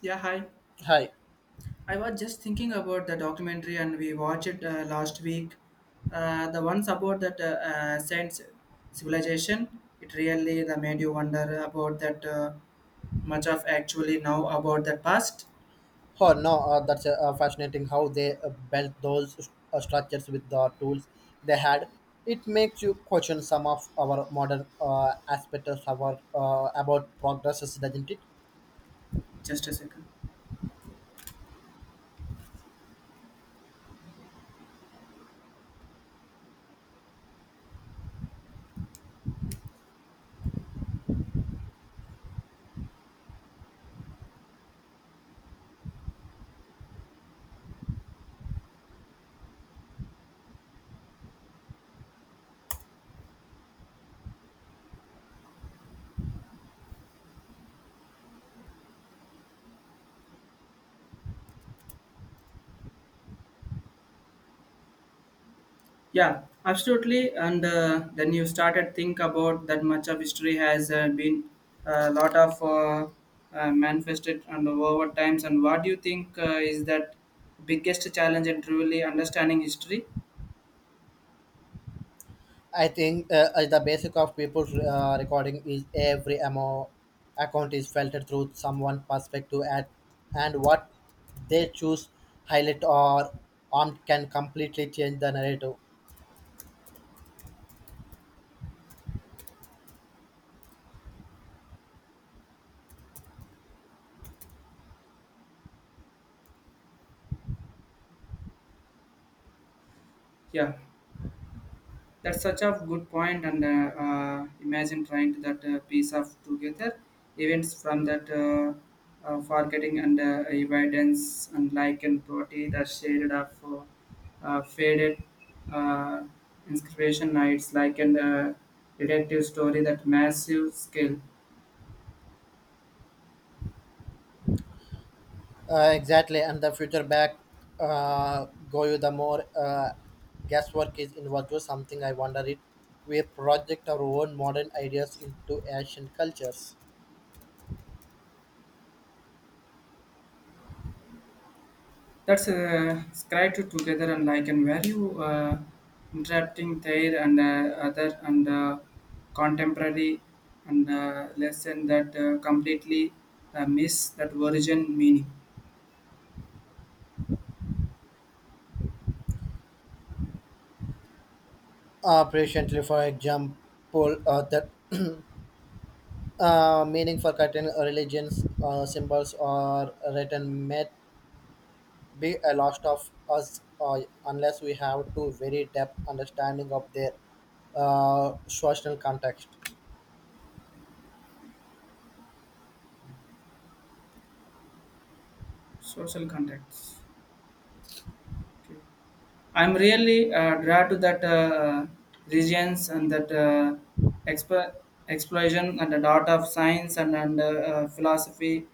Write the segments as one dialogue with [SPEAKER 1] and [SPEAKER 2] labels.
[SPEAKER 1] Yeah, hi.
[SPEAKER 2] Hi.
[SPEAKER 1] I was just thinking about the documentary and we watched it last week. The ones about that Saints civilization, it really that made you wonder about that much of actually now about that past.
[SPEAKER 2] Oh no, that's fascinating how they built those structures with the tools they had. It makes you question some of our modern aspects of our about progresses, doesn't it?
[SPEAKER 1] Just a second. Yeah, absolutely. And then you started think about that much of history has been a lot of manifested and over times. And what do you think is that biggest challenge in truly understanding history?
[SPEAKER 2] I think the basic of people's recording is every amount account is filtered through someone perspective at and what they choose highlight or arm can completely change the narrative.
[SPEAKER 1] Yeah, that's such a good point. And imagine trying to that piece of together events from that forgetting and evidence and like and property that shaded of faded uh, inspiration nights like and detective story that massive scale.
[SPEAKER 2] Exactly, and the future back go you the more guesswork is involved. Or something I wonder it. We project our own modern ideas into ancient cultures.
[SPEAKER 1] That's scratched together and like and where you interrupting there and other and contemporary and lesson that completely miss that origin meaning
[SPEAKER 2] Patiently, for example, that meaning for certain religions, symbols, or written may be a lost of us unless we have to very depth understanding of their social context.
[SPEAKER 1] social context. I'm really drawn to that regions and that exp- explosion and the art of science and philosophy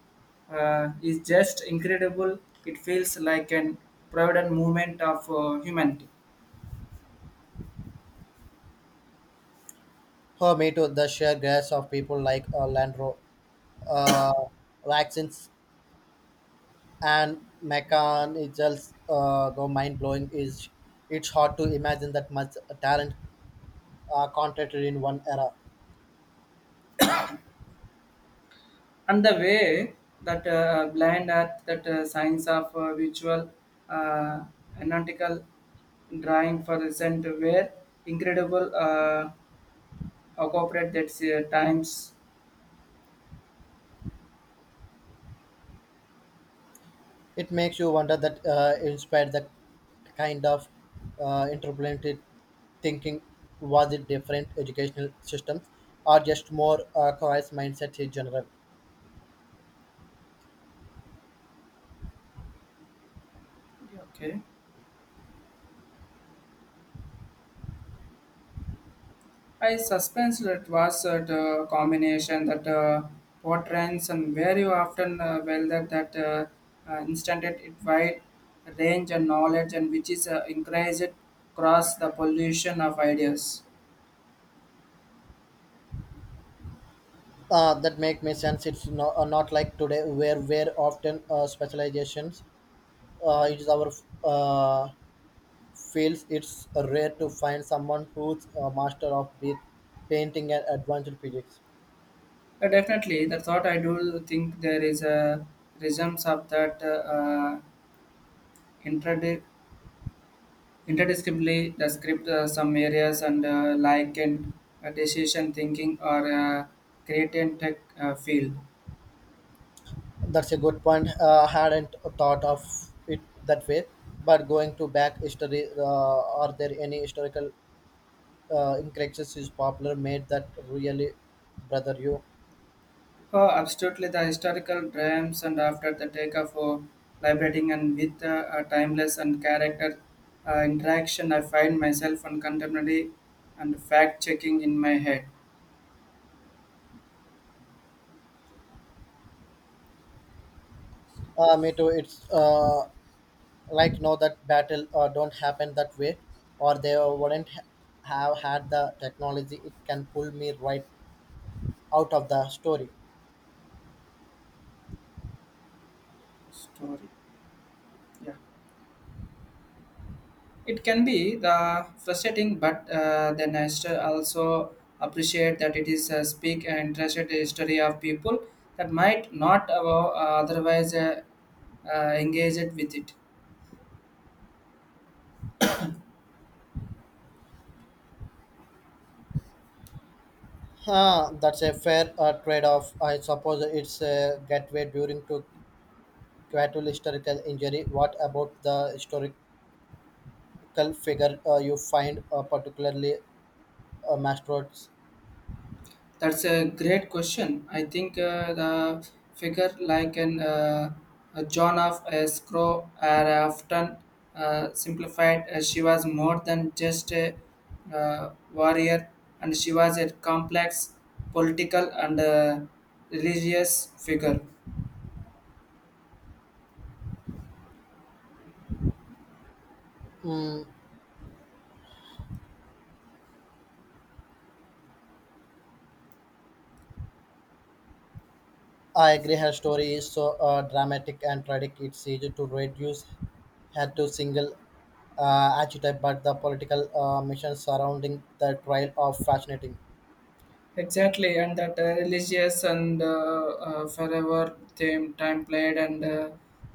[SPEAKER 1] is just incredible. It feels like an provident movement of humanity.
[SPEAKER 2] For me too, the sheer grace of people like Landro uh, vaccines and mechanisms go mind blowing. Is it's hard to imagine that much talent concentrated in one era.
[SPEAKER 1] And the way that blind art, that science of visual, uh, anatomical drawing for recent were incredible occupate that times.
[SPEAKER 2] It makes you wonder that inspired that kind of interpolated thinking, was it different educational systems or just more coarse mindset in general.
[SPEAKER 1] Okay. I suspense that was a combination that what trends and where you often well that instant it wide range and knowledge and which is increased across the pollution of ideas.
[SPEAKER 2] That make me sense it's no, not like today where often specializations is our uh, feels it's rare to find someone who's a master of both painting and advanced physics.
[SPEAKER 1] Definitely, the thought I do think there is a resumes of that intradi- interdisciplinary the script some areas and like and decision thinking or creative tech field.
[SPEAKER 2] That's a good point. Hadn't thought of it that way. But going to back history, are there any historical incorrections is popular made that really bother you?
[SPEAKER 1] Oh, absolutely. The historical dramas and after the takeoff for liberating and with a timeless and character interaction, I find myself on contemporary and fact checking in my head
[SPEAKER 2] Me too. It's like no, that battle don't happen that way, or they wouldn't ha- have had the technology. It can pull me right out of the story.
[SPEAKER 1] story. Yeah, it can be the frustrating, but then I still also appreciate that it is a speak and interested history of people that might not otherwise engage it with it.
[SPEAKER 2] Huh, that's a fair trade-off. I suppose it's a gateway during to cattle historical injury. What about the historical figure you find particularly Mastrots?
[SPEAKER 1] That's a great question. I think the figure like an a John of Escrow are often simplified. She was more than just a warrior, and she was a complex political and religious figure.
[SPEAKER 2] Mm, I agree her story is so dramatic and tragic. It's easy to reduce her to single archetype, but the political mission surrounding the trial are fascinating.
[SPEAKER 1] Exactly, and that religious and forever theme time played and uh,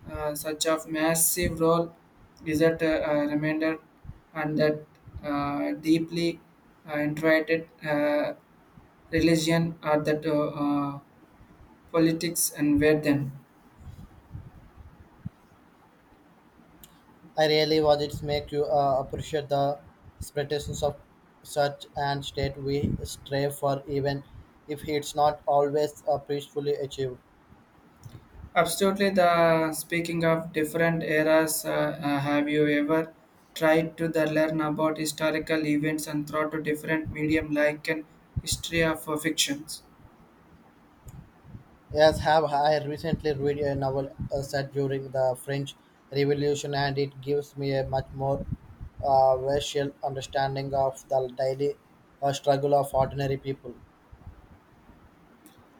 [SPEAKER 1] uh, such a massive role is that reminder and that deeply integrated religion or that politics and where them.
[SPEAKER 2] I really was. It's make you appreciate the expectations of such and state we strive for, even if it's not always peacefully achieved.
[SPEAKER 1] Absolutely. The speaking of different eras, have you ever tried to the learn about historical events and through to different medium like an history of fictions?
[SPEAKER 2] Yes, have I recently read a novel set during the French Revolution, and it gives me a much more racial understanding of the daily struggle of ordinary people.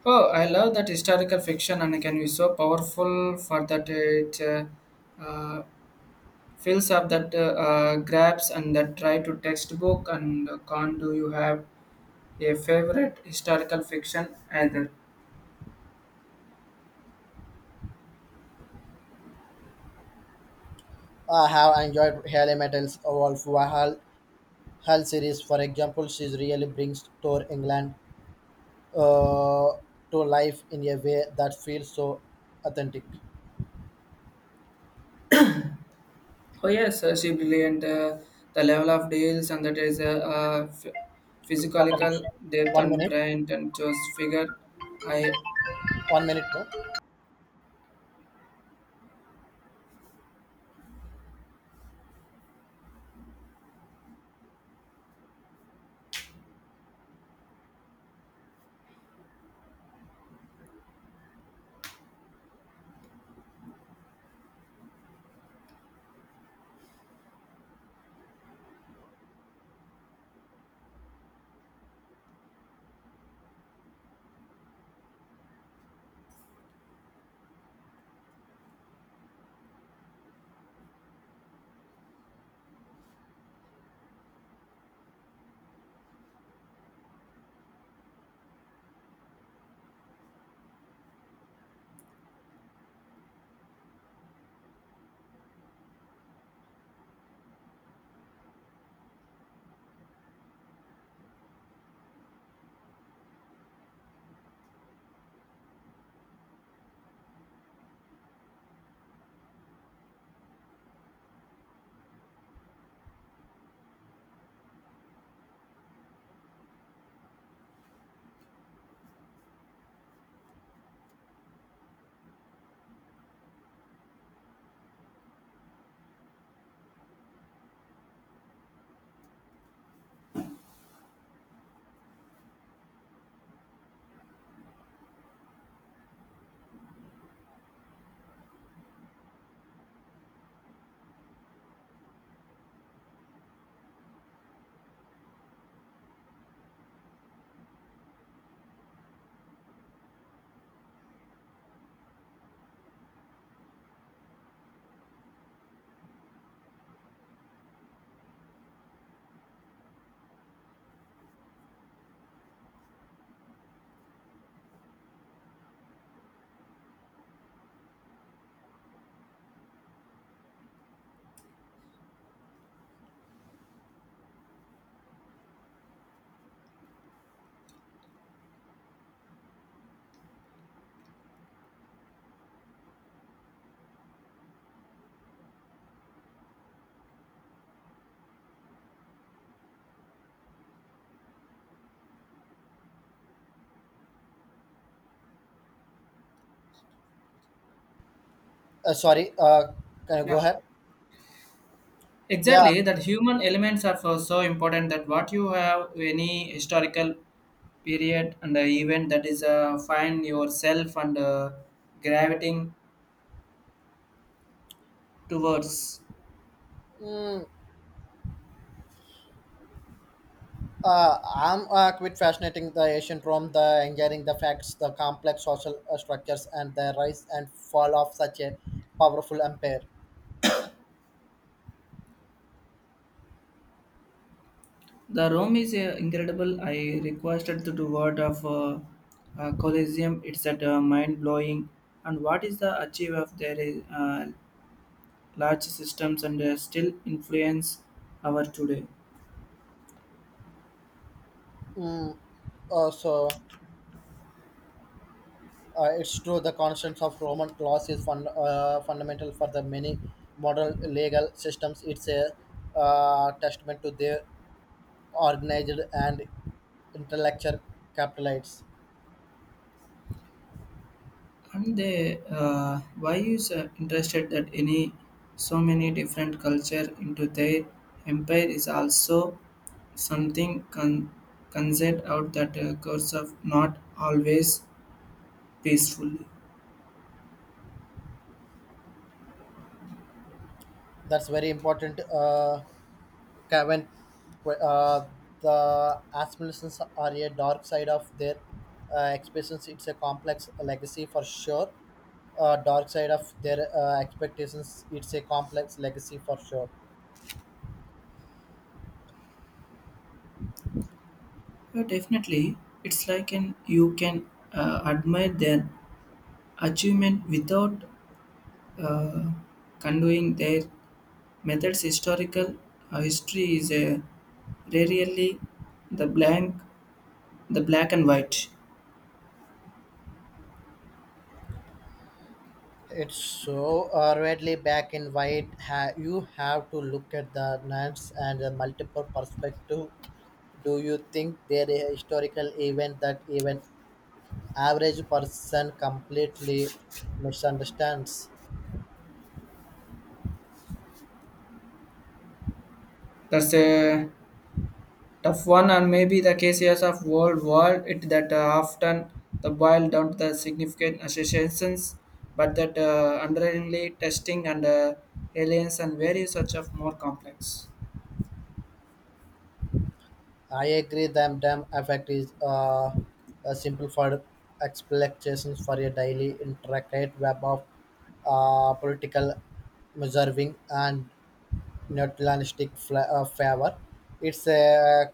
[SPEAKER 1] Oh, I love that historical fiction and it can be so powerful for that it uh, fills up that grabs and that try to textbook and con. Do you have a favorite historical fiction either?
[SPEAKER 2] I have enjoyed Haley Metal's Wolf Hall series, for example. She really brings to England uh, to life in a way that feels so authentic.
[SPEAKER 1] Oh yes, she brilliant. The level of deals and that is a physiological depth
[SPEAKER 2] One
[SPEAKER 1] and
[SPEAKER 2] minute,
[SPEAKER 1] brain and just figure. I
[SPEAKER 2] one minute. No, sorry. Can you go
[SPEAKER 1] yeah
[SPEAKER 2] ahead? Yeah,
[SPEAKER 1] exactly that human elements are for so important that what you have any historical period and event that is find yourself and gravitating towards.
[SPEAKER 2] I'm quite fascinating the ancient Rome, the engineering, the facts, the complex social structures, and the rise and fall of such a powerful empire.
[SPEAKER 1] The Rome is incredible. I requested to do word of Colosseum. It's at mind blowing. And what is the achieve of their large systems and still influence our today?
[SPEAKER 2] So, it's true the constants of Roman laws is fun, fundamental for the many modern legal systems. It's a testament to their organized and intellectual capitalists.
[SPEAKER 1] And they, why is interested that any so many different culture into their empire is also something concerned out that course of not always peacefully.
[SPEAKER 2] That's very important, Kevin. Uh, the aspirations are a dark side of their expressions. It's a complex legacy for sure. Dark side of their expectations. It's a complex legacy for sure.
[SPEAKER 1] Yeah, definitely. It's like an you can admire their achievement without uh, condoning their methods. Historical history is a rarely the blank, the black and white.
[SPEAKER 2] It's so redly back in white. You have to look at the nuts and the multiple perspective. Do you think their historical event that even average person completely misunderstands.
[SPEAKER 1] That's a tough one, and maybe the cases of World War it that often the boil down to the significant associations, but that underlyingly testing and aliens and various such of more complex.
[SPEAKER 2] I agree that damn effect is a simple for explanations for a daily intricate web of political observing and nationalistic favor. It's a